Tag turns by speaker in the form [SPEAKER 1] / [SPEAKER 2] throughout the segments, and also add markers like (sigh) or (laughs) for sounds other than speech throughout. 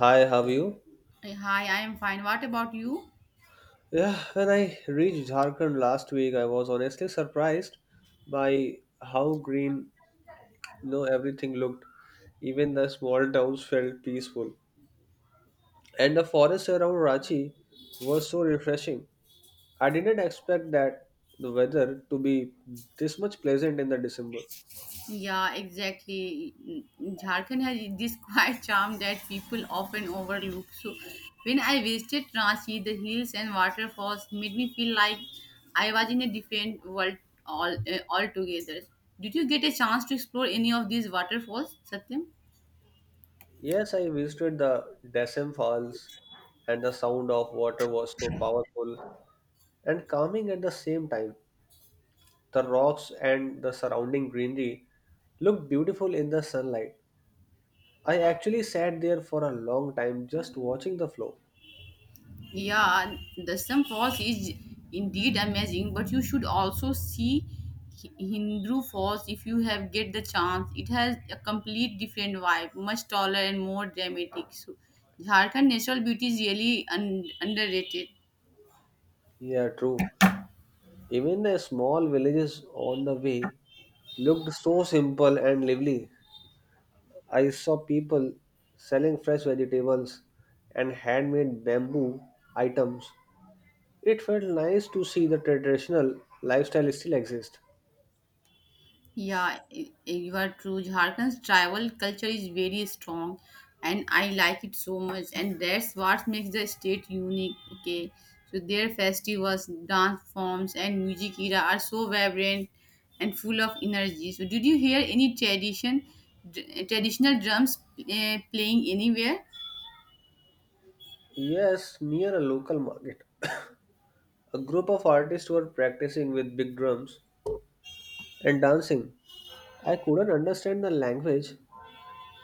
[SPEAKER 1] Hi, how are you?
[SPEAKER 2] Hey, hi, I am fine. What about you?
[SPEAKER 1] Yeah, when I reached Jharkhand last week, I was honestly surprised by how green, everything looked. Even the small towns felt peaceful, and the forest around Ranchi was so refreshing. I didn't expect that the weather to be this much pleasant in the December.
[SPEAKER 2] Yeah, exactly. Jharkhand has (laughs) this quiet charm that people often overlook. So, when I visited Ranchi, the hills and waterfalls made me feel like I was in a different world all altogether. Did you get a chance to explore any of these waterfalls, Satyam?
[SPEAKER 1] Yes, I visited the Dasam Falls, and the sound of water was so powerful and calming at the same time. The rocks and the surrounding greenery looked beautiful in the sunlight. I actually sat there for a long time just watching the flow.
[SPEAKER 2] Yeah, the Sun Falls is indeed amazing, but you should also see Hindu Falls if you have get the chance. It has a complete different vibe, much taller and more dramatic. So, Jharkhand natural beauty is really underrated.
[SPEAKER 1] Yeah, true. Even the small villages on the way looked so simple and lively. I saw people selling fresh vegetables and handmade bamboo items. It felt nice to see the traditional lifestyle still exist.
[SPEAKER 2] Yeah, you are true. Jharkhand's tribal culture is very strong, and I like it so much. And that's what makes the state unique. Okay, so their festivals, dance forms, and music era are so vibrant and full of energy. So, did you hear any traditional drums playing anywhere?
[SPEAKER 1] Yes, near a local market. A group of artists were practicing with big drums and dancing. I couldn't understand the language,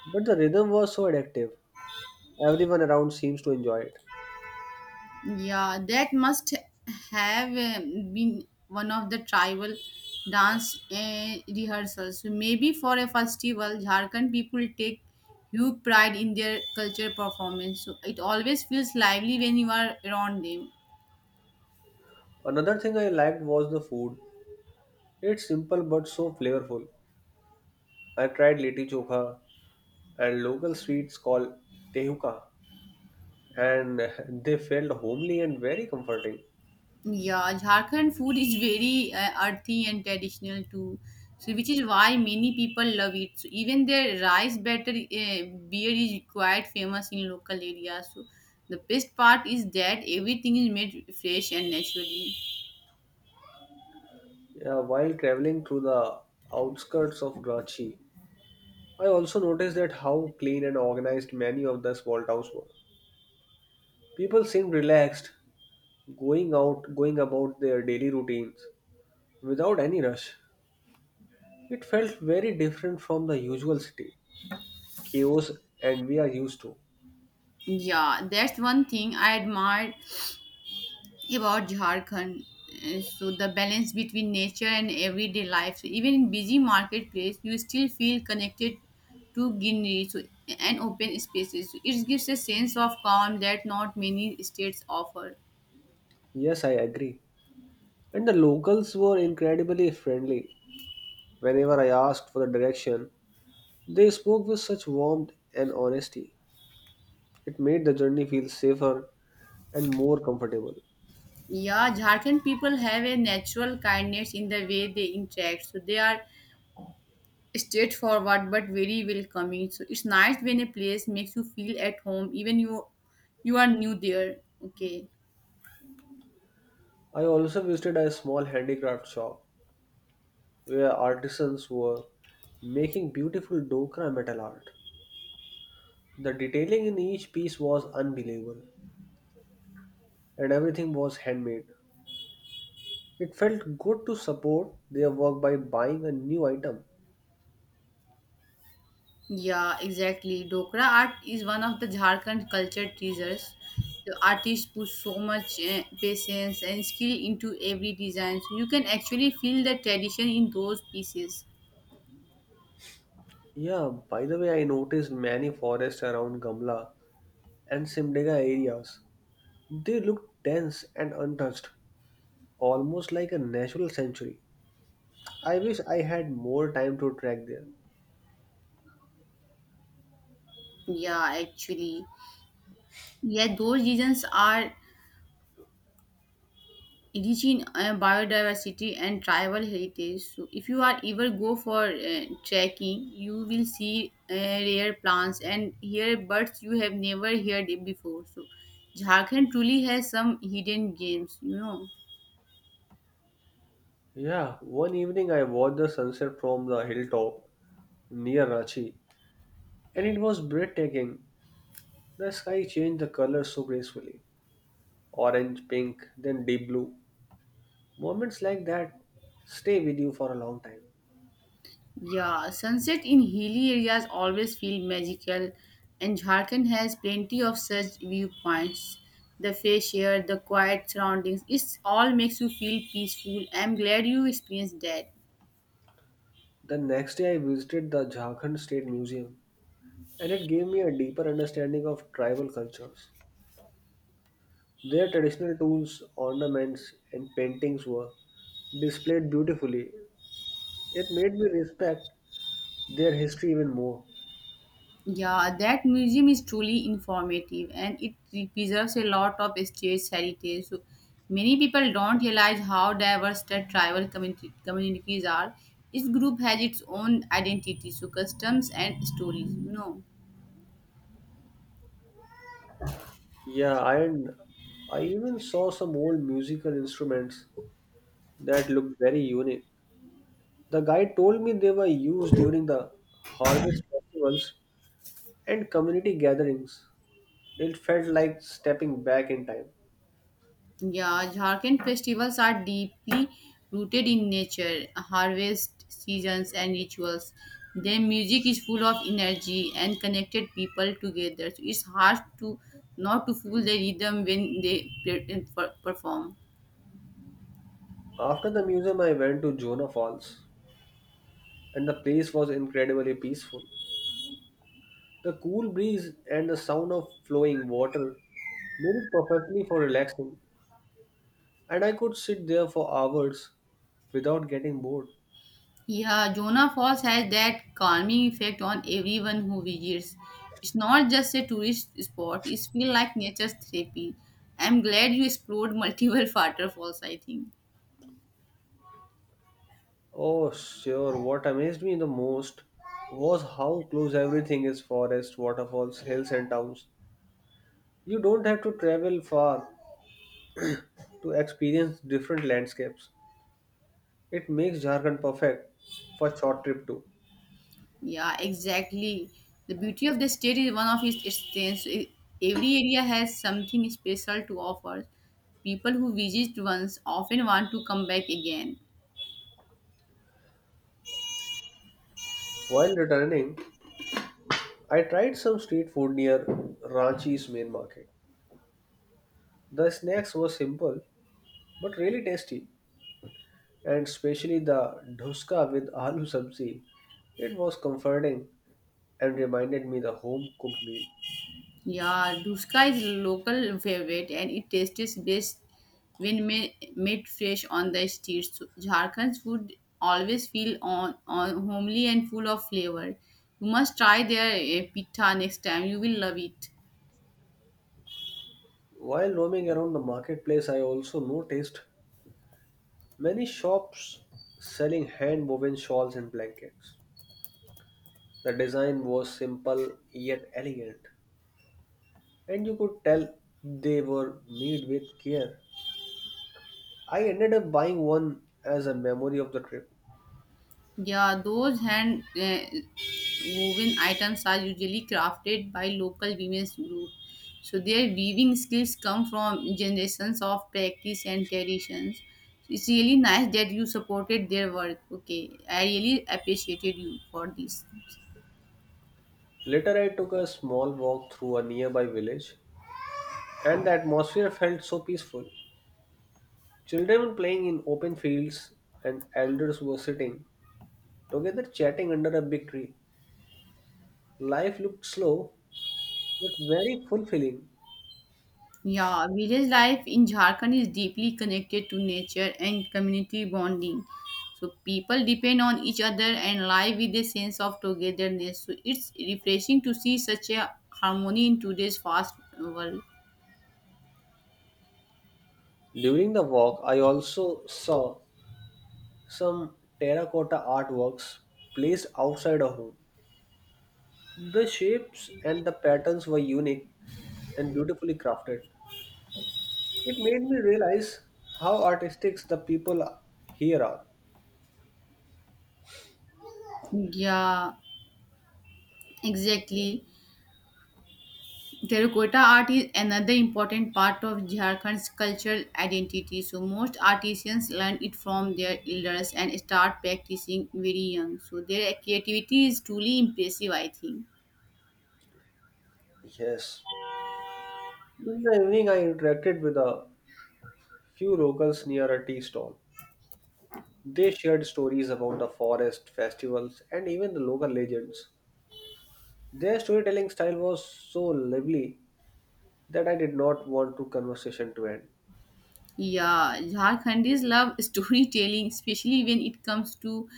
[SPEAKER 1] but the rhythm was so addictive. Everyone around seems to enjoy it.
[SPEAKER 2] Yeah, that must have been one of the tribal dance rehearsals. So maybe for a festival, Jharkhand people take huge pride in their culture performance. So it always feels lively when you are around them.
[SPEAKER 1] Another thing I liked was the food. It's simple but so flavorful. I tried liti chokha and local sweets called tehuka, and (laughs) they felt homely and very comforting.
[SPEAKER 2] Yeah, Jharkhand food is very earthy and traditional too. So, which is why many people love it. So, even their rice batter beer is quite famous in local areas. So, the best part is that everything is made fresh and naturally.
[SPEAKER 1] While traveling through the outskirts of Karachi, I also noticed that how clean and organized many of the small towns were. People seemed relaxed going out, going about their daily routines without any rush. It felt very different from the usual city chaos and we are used to.
[SPEAKER 2] Yeah, that's one thing I admire about Jharkhand. So the balance between nature and everyday life. So even in busy marketplace, you still feel connected to greenery so, and open spaces. So it gives a sense of calm that not many states offer.
[SPEAKER 1] Yes, I agree. And the locals were incredibly friendly. Whenever I asked for the direction, they spoke with such warmth and honesty. It made the journey feel safer and more comfortable.
[SPEAKER 2] Yeah, Jharkhand people have a natural kindness in the way they interact. So they are straightforward but very welcoming. So it's nice when a place makes you feel at home, even you are new there. Okay.
[SPEAKER 1] I also visited a small handicraft shop where artisans were making beautiful Dokra metal art. The detailing in each piece was unbelievable, and everything was handmade. It felt good to support their work by buying a new item.
[SPEAKER 2] Yeah, exactly. Dokra art is one of the Jharkhand culture treasures. The artists put so much patience and skill into every design. So you can actually feel the tradition in those pieces.
[SPEAKER 1] Yeah, by the way, I noticed many forests around Gamla and Simdega areas. They look dense and untouched, almost like a natural sanctuary. I wish I had more time to trek there.
[SPEAKER 2] Yeah, actually. Yeah, those designs are rich in biodiversity and tribal heritage. So, if you are ever go for trekking, you will see rare plants and hear birds you have never heard it before. So, Jharkhand truly has some hidden gems, you know.
[SPEAKER 1] Yeah, one evening I watched the sunset from the hilltop near Rachi, and it was breathtaking. The sky changed the color so gracefully: orange, pink, then deep blue. Moments like that stay with you for a long time.
[SPEAKER 2] Yeah, sunset in hilly areas always feel magical, and Jharkhand has plenty of such viewpoints. The fresh air, the quiet surroundings, it all makes you feel peaceful. I'm glad you experienced that.
[SPEAKER 1] The next day, I visited the Jharkhand State Museum, and it gave me a deeper understanding of tribal cultures. Their traditional tools, ornaments, and paintings were displayed beautifully. It made me respect their history even more.
[SPEAKER 2] Yeah, that museum is truly informative and it preserves a lot of state's heritage. So many people don't realize how diverse the communities are. Each group has its own identity, so customs and stories. You know.
[SPEAKER 1] Yeah, and I even saw some old musical instruments that looked very unique. The guide told me they were used during the harvest festivals and community gatherings. It felt like stepping back in time.
[SPEAKER 2] Yeah, Jharkhand festivals are deeply rooted in nature, harvest seasons, and rituals. Their music is full of energy and connected people together. So it's hard to not to fool the rhythm when they perform.
[SPEAKER 1] After the museum, I went to Jonah Falls, and the place was incredibly peaceful. The cool breeze and the sound of flowing water made it perfectly for relaxing, and I could sit there for hours without getting bored.
[SPEAKER 2] Yeah, Jonah Falls has that calming effect on everyone who visits. It's not just a tourist spot; it's feel like nature's therapy. I'm glad you explored multiple (laughs) waterfalls. I think.
[SPEAKER 1] Oh, sure, what amazed me the most was how close everything is: forests, waterfalls, hills, and towns. You don't have to travel far to experience different landscapes. It makes Jharkhand perfect for short trip too.
[SPEAKER 2] Yeah, exactly. The beauty of the state is one of its strengths. I- every area has something special to offer. People who visit once often want to come back again.
[SPEAKER 1] While returning, I tried some street food near Ranchi's main market. The snacks were simple but really tasty, and especially the dhuska with aloo sabzi. It was comforting and reminded me the home cooked meal.
[SPEAKER 2] Yeah, Duska is local favorite and it tastes best when made fresh on the streets. So, Jharkhand's food always feel on homely and full of flavor. You must try their pita next time. You will love it.
[SPEAKER 1] While roaming around the marketplace, I also noticed many shops selling hand woven shawls and blankets. The design was simple yet elegant and you could tell they were made with care. I ended up buying one as a memory of the trip.
[SPEAKER 2] Yeah, those hand woven items are usually crafted by local women's group. So their weaving skills come from generations of practice and traditions. It's really nice that you supported their work. Okay, I really appreciated you for this.
[SPEAKER 1] Later, I took a small walk through a nearby village, and the atmosphere felt so peaceful. Children were playing in open fields, and elders were sitting together chatting under a big tree. Life looked slow but very fulfilling.
[SPEAKER 2] Yeah, village life in Jharkhand is deeply connected to nature and community bonding. So people depend on each other and live with a sense of togetherness. So it's refreshing to see such a harmony in today's fast world.
[SPEAKER 1] During the walk, I also saw some terracotta artworks placed outside a home. The shapes and the patterns were unique and beautifully crafted. It made me realize how artistic the people here are.
[SPEAKER 2] Yeah, exactly. Terracotta art is another important part of Jharkhand's cultural identity. So most artisans learn it from their elders and start practicing very young. So their creativity is truly impressive, I think.
[SPEAKER 1] Yes. In the evening, I interacted with a few locals near a tea stall. They shared stories about the forest, festivals, and even the local legends. Their storytelling style was so lively that I did not want the conversation to end.
[SPEAKER 2] Yeah, Jharkhandis love (laughs) storytelling, especially when it comes to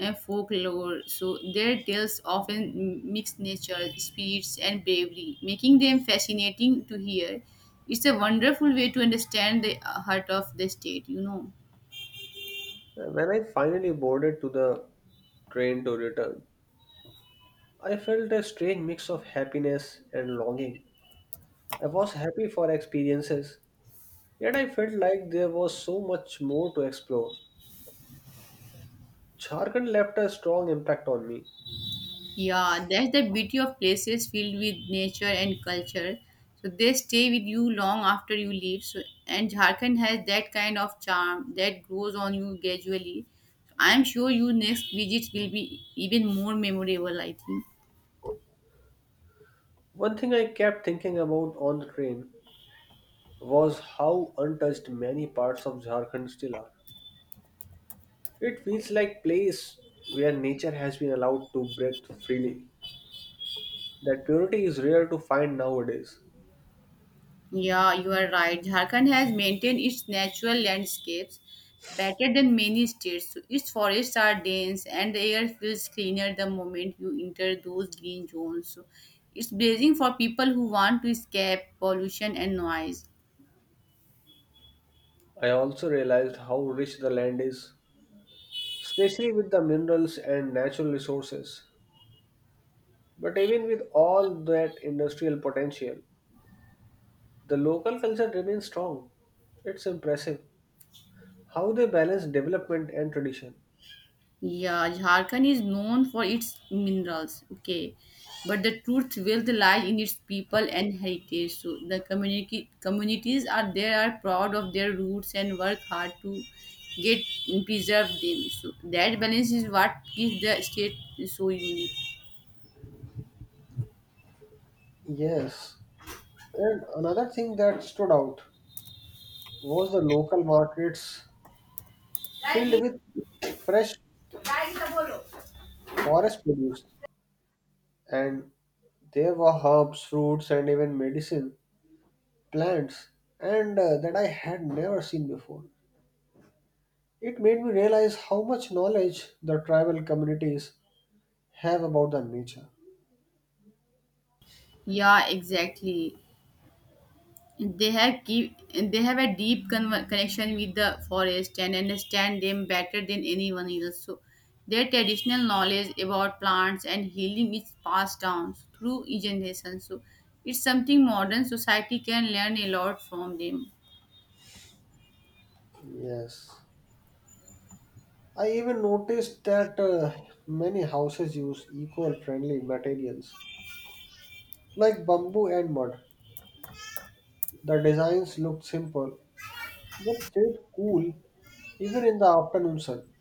[SPEAKER 2] folklore. So their tales often mix nature, spirits, and bravery, making them fascinating to hear. It's a wonderful way to understand the heart of the state, you know.
[SPEAKER 1] When I finally boarded to the train to return, I felt a strange mix of happiness and longing. I was happy for experiences, yet I felt like there was so much more to explore. Jharkhand left a strong impact on me.
[SPEAKER 2] Yeah, that's the beauty of places filled with nature and culture. So they stay with you long after you leave. So and Jharkhand has that kind of charm that grows on you gradually. I'm sure your next visits will be even more memorable, I think.
[SPEAKER 1] One thing I kept thinking about on the train was how untouched many parts of Jharkhand still are. It feels like place where nature has been allowed to breathe freely. That purity is rare to find nowadays.
[SPEAKER 2] Yeah, you are right. Jharkhand has maintained its natural landscapes better than many states. So its forests are dense and the air feels cleaner the moment you enter those green zones. So it's blazing for people who want to escape pollution and noise.
[SPEAKER 1] I also realized how rich the land is, especially with the minerals and natural resources. But even with all that industrial potential, the local culture remains strong. It's impressive how they balance development and tradition.
[SPEAKER 2] Yeah, Jharkhand is known for its minerals. Okay, but the truth wealth lies in its people and heritage. So the community communities are there are proud of their roots and work hard to get preserve them. So that balance is what gives the state so unique.
[SPEAKER 1] Yes. And another thing that stood out was the local markets filled with fresh forest produce. And there were herbs, fruits, and even medicine plants and that I had never seen before. It made me realize how much knowledge the tribal communities have about the nature.
[SPEAKER 2] Yeah, exactly. they have keep they have a deep connection with the forest and understand them better than anyone else, so their traditional knowledge about plants and healing is passed down through generations. So it's something modern society can learn a lot from them.
[SPEAKER 1] Yes. I even noticed that many houses use eco friendly materials like bamboo and mud. The designs looked simple but stayed cool even in the afternoon sun.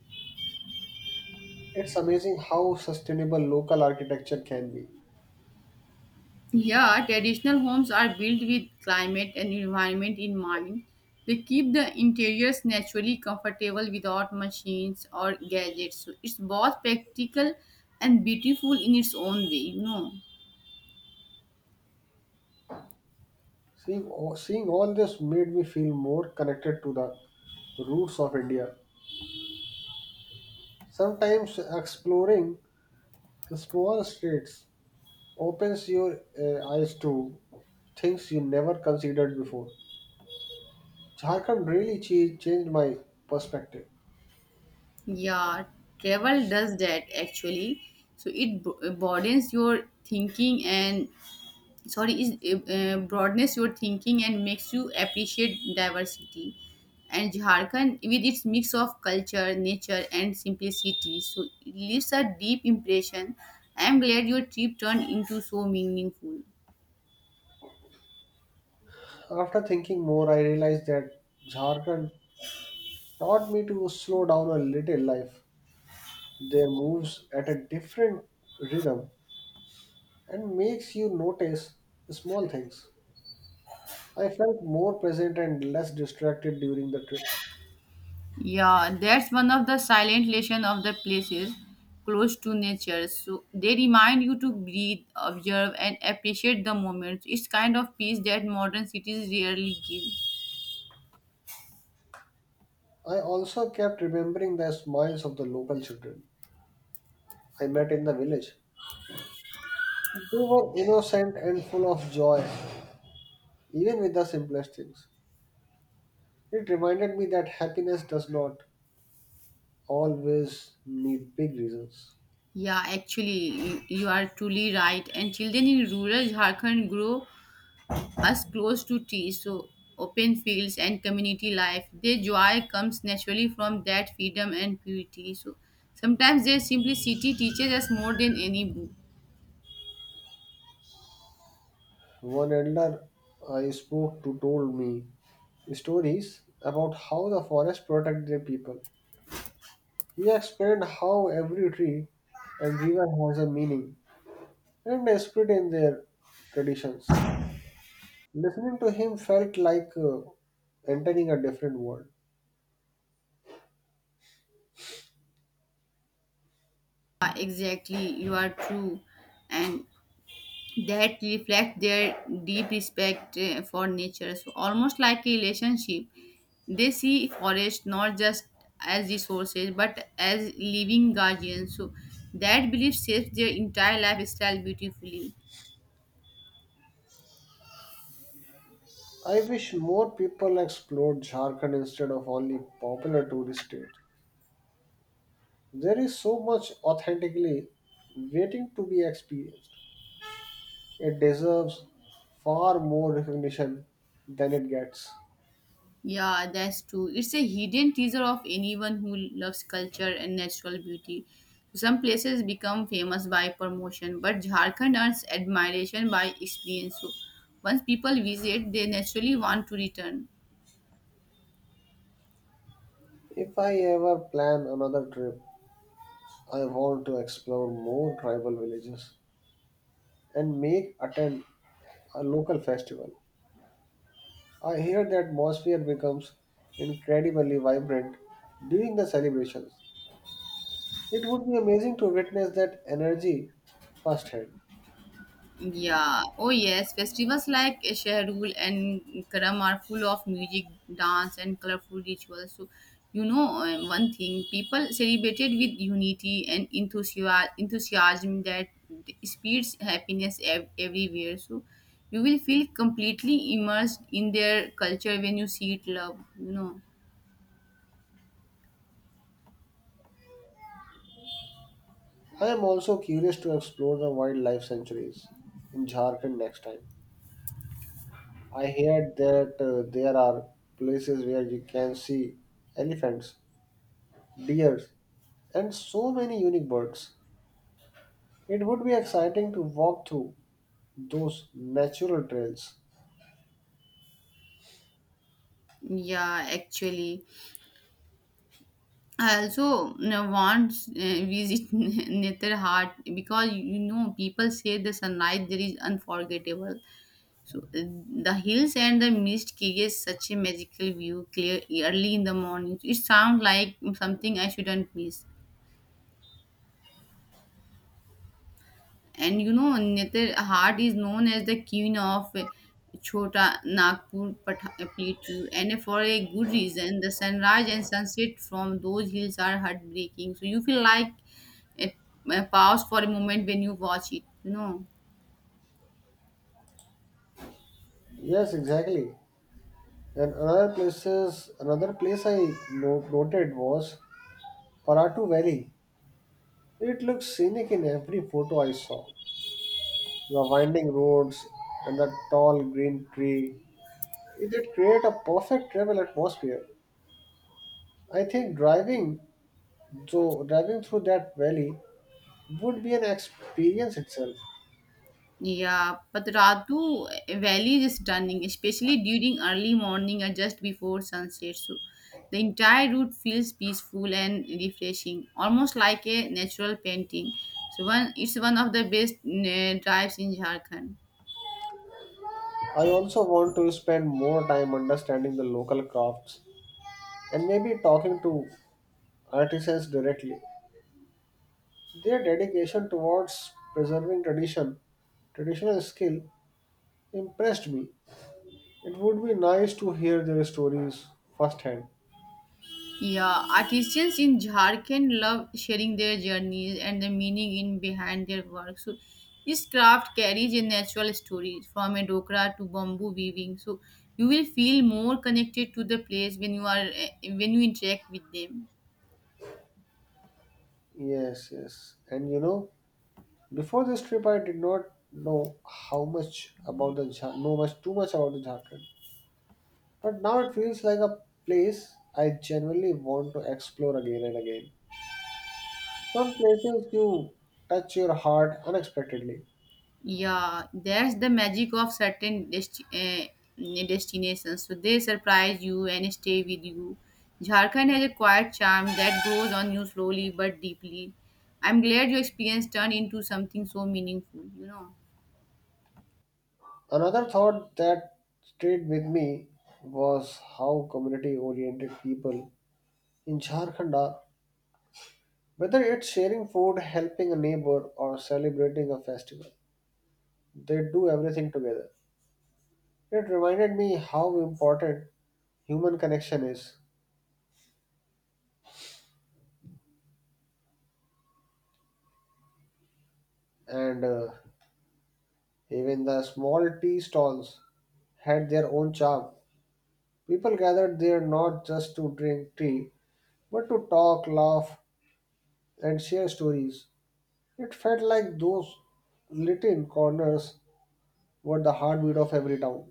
[SPEAKER 1] It's amazing how sustainable local architecture can be.
[SPEAKER 2] Yeah, traditional homes are built with climate and environment in mind. They keep the interiors naturally comfortable without machines or gadgets. So it's both practical and beautiful in its own way, you know.
[SPEAKER 1] Seeing all this made me feel more connected to the roots of India. Sometimes exploring the small streets opens your eyes to things you never considered before. Jharkhand really changed my perspective.
[SPEAKER 2] Yeah, travel does that actually. So it broadens your thinking and sorry is broadness your thinking and makes you appreciate diversity, and Jharkhand with its mix of culture, nature and simplicity, so it leaves a deep impression. I am glad your trip turned into so meaningful.
[SPEAKER 1] After thinking more, I realized that Jharkhand taught me to slow down a little life. There moves at a different rhythm and makes you notice small things. I felt more present and less distracted during the trip.
[SPEAKER 2] Yeah, that's one of the silent lesson of the places close to nature. So they remind you to breathe, observe and appreciate the moments. It's kind of peace that modern cities rarely give.
[SPEAKER 1] I also kept remembering the smiles of the local children I met in the village. They were innocent and full of joy, even with the simplest things. It reminded me that happiness does not always need big reasons.
[SPEAKER 2] Yeah, actually, you are truly right. And children in rural Jharkhand grow as close to tea, so open fields and community life. Their joy comes naturally from that freedom and purity. So sometimes their simplicity teaches us more than any book.
[SPEAKER 1] One elder I spoke to told me stories about how the forest protected their people. He explained how every tree and river has a meaning and a spirit in their traditions. Listening to him felt like entering a different world.
[SPEAKER 2] Yeah, exactly, you are true. And that reflect their deep respect for nature. So almost like a relationship, they see forest not just as resources but as living guardians. So that belief shapes their entire lifestyle beautifully.
[SPEAKER 1] I wish more people explored Jharkhand instead of only popular tourist state. There is so much authentically waiting to be experienced. It deserves far more recognition than it gets.
[SPEAKER 2] Yeah, that's true. It's a hidden teaser of anyone who loves culture and natural beauty. Some places become famous by promotion, but Jharkhand earns admiration by experience. So once people visit, they naturally want to return.
[SPEAKER 1] If I ever plan another trip, I want to explore more tribal villages and make attend a local festival. I hear the atmosphere becomes incredibly vibrant during the celebrations. It would be amazing to witness that energy firsthand.
[SPEAKER 2] Yeah. Oh yes, festivals like Shahrul and Karam are full of music, dance, and colorful rituals. So, you know, one thing people celebrated with unity and enthusiasm that spreads happiness everywhere. So, you will feel completely immersed in their culture when you see it. Love, you know.
[SPEAKER 1] I am also curious to explore the wildlife sanctuaries in Jharkhand next time. I heard that there are places where you can see elephants, deer, and so many unique birds. It would be exciting to walk through those natural trails.
[SPEAKER 2] Yeah, actually. I also you know, once visit (laughs) Netherheart because you know people say the sunlight there is unforgettable. So the hills and the mist creates such a magical view clear early in the morning. So, it sounds like something I shouldn't miss. And you know, Nitar Hart is known as the queen of Chota Nagpur Plateau, and for a good reason. The sunrise and sunset from those hills are heartbreaking. So you feel like it pause for a moment when you watch it. You know.
[SPEAKER 1] Yes, exactly. Another place I noted was Paratu Valley. It looks scenic in every photo I saw the winding roads and the tall green tree. It did create a perfect travel atmosphere. I think driving through that valley would be an experience itself.
[SPEAKER 2] Yeah, but Ratu Valley is stunning, especially during early morning or just before sunset. So the entire route feels peaceful and refreshing, almost like a natural painting. So it's one of the best drives in Jharkhand.
[SPEAKER 1] I also want to spend more time understanding the local crafts and maybe talking to artisans directly. Their dedication towards preserving traditional skill impressed me. It would be nice to hear their stories firsthand.
[SPEAKER 2] Yeah, artisans in Jharkhand love sharing their journeys and the meaning in behind their work. So, this craft carries a natural story from a dokra to bamboo weaving. So, you will feel more connected to the place when when you interact with them.
[SPEAKER 1] Yes, yes. And you know, before this trip, I did not know much too much about the Jharkhand. But now it feels like a place I genuinely want to explore again and again. Some places you touch your heart unexpectedly.
[SPEAKER 2] Yeah, that's the magic of certain destinations. So they surprise you and stay with you. Jharkhand has a quiet charm that grows on you slowly but deeply. I'm glad your experience turned into something so meaningful, you know.
[SPEAKER 1] Another thought that stayed with me was how community-oriented people in Jharkhand are. Whether it's sharing food, helping a neighbor, or celebrating a festival, they do everything together. It reminded me how important human connection is, and even the small tea stalls had their own charm. People gathered there not just to drink tea, but to talk, laugh, and share stories. It felt like those little corners were the heartbeat of every town.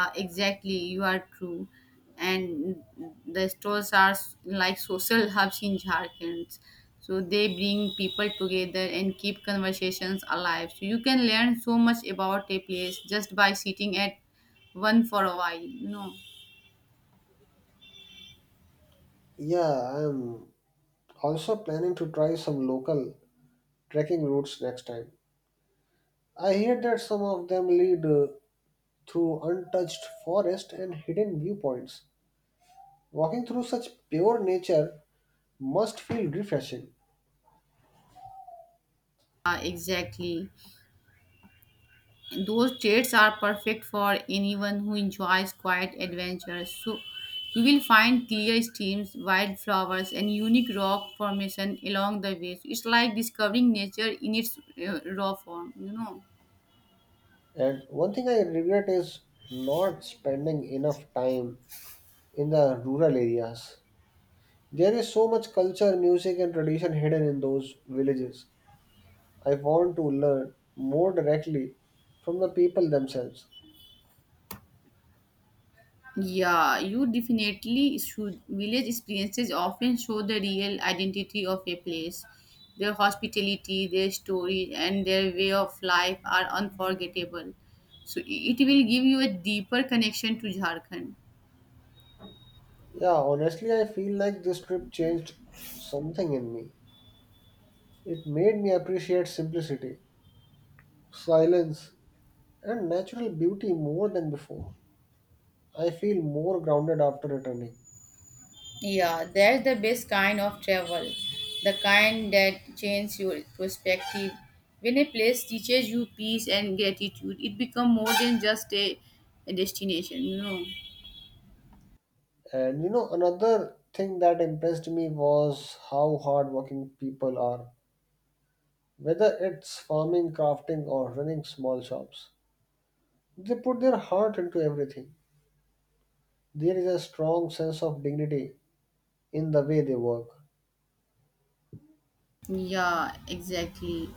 [SPEAKER 2] Exactly, you are true. And the stores are like social hubs in Jharkhand. So they bring people together and keep conversations alive. So you can learn so much about a place just by sitting at one for a while. You know,
[SPEAKER 1] Yeah, I'm also planning to try some local trekking routes next time. I hear that some of them lead through untouched forest and hidden viewpoints. Walking through such pure nature must feel refreshing.
[SPEAKER 2] exactly. Those traits are perfect for anyone who enjoys quiet adventure. So you will find clear streams, wildflowers, and unique rock formation along the way. So it's like discovering nature in its raw form, you know.
[SPEAKER 1] And one thing I regret is not spending enough time in the rural areas. There is so much culture, music, and tradition hidden in those villages. I want to learn more directly from the people themselves.
[SPEAKER 2] Yeah, you definitely should. Village experiences often show the real identity of a place. Their hospitality, their story, and their way of life are unforgettable. So it will give you a deeper connection to Jharkhand.
[SPEAKER 1] Yeah, honestly, I feel like this trip changed something in me. It made me appreciate simplicity, silence, and natural beauty more than before. I feel more grounded after returning.
[SPEAKER 2] Yeah, that's the best kind of travel. The kind that changes your perspective. When a place teaches you peace and gratitude, it becomes more than just a destination, you know.
[SPEAKER 1] And you know, another thing that impressed me was how hardworking people are. Whether it's farming, crafting, or running small shops, they put their heart into everything. There is a strong sense of dignity in the way they work.
[SPEAKER 2] Yeah, exactly.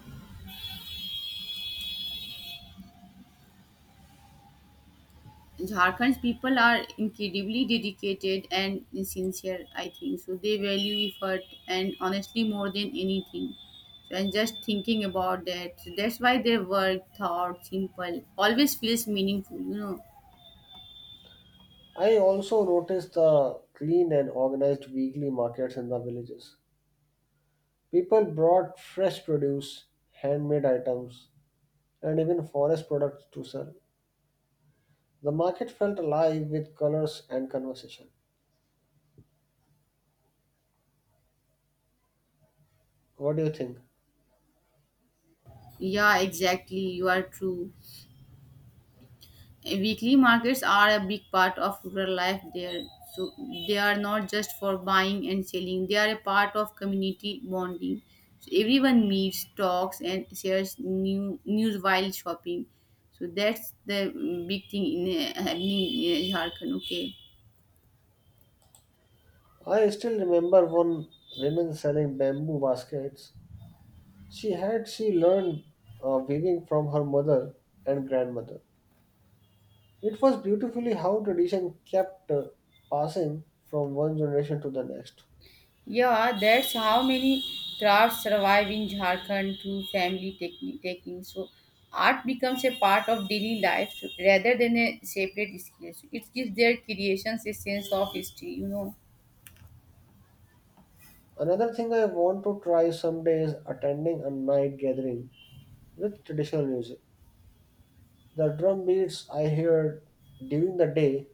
[SPEAKER 2] Jharkhand's people are incredibly dedicated and sincere, I think. So they value effort and honestly more than anything. So and just thinking about that. So that's why their work, thought, simple, always feels meaningful, you know.
[SPEAKER 1] I also noticed the clean and organized weekly markets in the villages. People brought fresh produce, handmade items, and even forest products to sell. The market felt alive with colors and conversation. What do you think?
[SPEAKER 2] Yeah, exactly. You are true. Weekly markets are a big part of rural life there. So they are not just for buying and selling, they are a part of community bonding. So everyone meets, talks, and shares new news while shopping. So that's the big thing in happening in Jharkhand. Okay.
[SPEAKER 1] I still remember one woman selling bamboo baskets. She learned weaving from her mother and grandmother. It was beautifully how tradition kept passing from one generation to the next.
[SPEAKER 2] Yeah, that's how many crafts survive in Jharkhand through family taking. So art becomes a part of daily life rather than a separate skill. So, it gives their creations a sense of history, you know.
[SPEAKER 1] Another thing I want to try someday is attending a night gathering with traditional music. The drum beats I heard during the day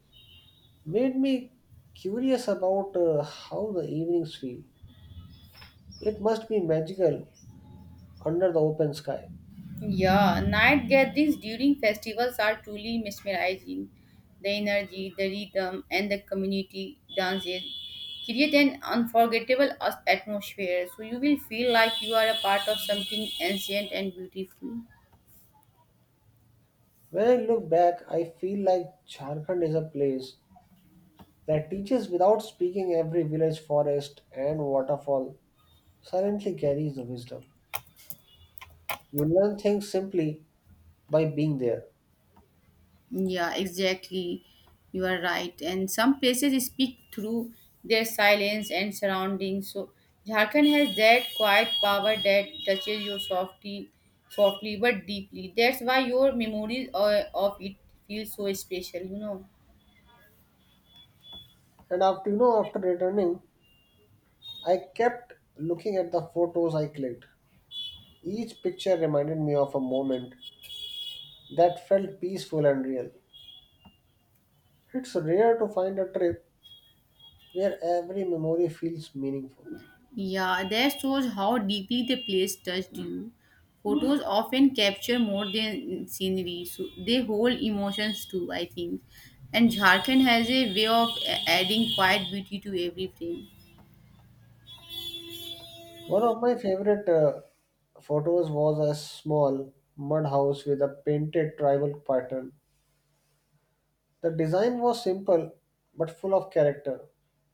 [SPEAKER 1] made me curious about how the evenings feel. It must be magical under the open sky.
[SPEAKER 2] Yeah, night gatherings during festivals are truly mesmerizing. The energy, the rhythm, and the community dances create an unforgettable atmosphere. So you will feel like you are a part of something ancient and beautiful.
[SPEAKER 1] When I look back, I feel like Jharkhand is a place that teaches without speaking every village, forest, and waterfall silently carries the wisdom. You learn things simply by being there.
[SPEAKER 2] Yeah, exactly. You are right. And some places speak through their silence and surroundings. So Jharkhand has that quiet power that touches you softly but deeply. That's why your memories of it feel so special. You know.
[SPEAKER 1] And after returning, I kept looking at the photos I clicked. Each picture reminded me of a moment that felt peaceful and real. It's rare to find a trip where every memory feels meaningful.
[SPEAKER 2] Yeah, that shows how deeply the place touched you. Photos often capture more than scenery, so they hold emotions too, I think. And Jharkhand has a way of adding quiet beauty to every frame.
[SPEAKER 1] One of my favorite photos was a small mud house with a painted tribal pattern. The design was simple but full of character,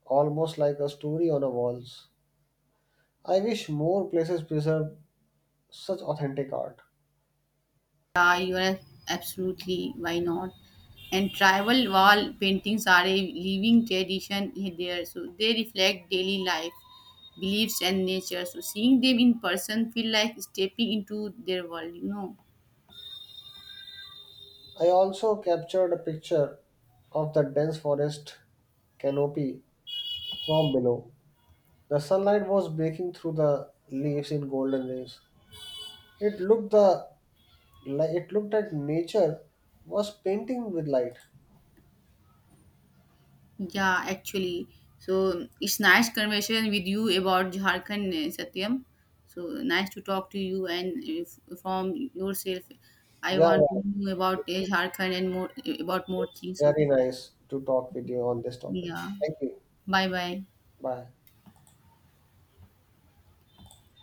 [SPEAKER 1] almost like a story on a walls. I wish more places preserve such authentic art.
[SPEAKER 2] Yeah, you are absolutely, why not? And tribal wall paintings are a living tradition there, so they reflect daily life, beliefs, and nature. So seeing them in person feel like stepping into their world, you know.
[SPEAKER 1] I also captured a picture of the dense forest canopy from below. The sunlight was breaking through the leaves in golden rays. It looked the it looked like nature was painting with light.
[SPEAKER 2] Yeah, actually. So it's nice conversation with you about Jharkhand, Satyam. So nice to talk to you and if, from yourself. I
[SPEAKER 1] Yeah,
[SPEAKER 2] want
[SPEAKER 1] yeah,
[SPEAKER 2] to know about Jharkhand and more about more
[SPEAKER 1] it's
[SPEAKER 2] things. Okay.
[SPEAKER 1] very nice to talk with you on this topic.
[SPEAKER 2] Yeah.
[SPEAKER 1] Thank you.
[SPEAKER 2] Bye bye.
[SPEAKER 1] Bye.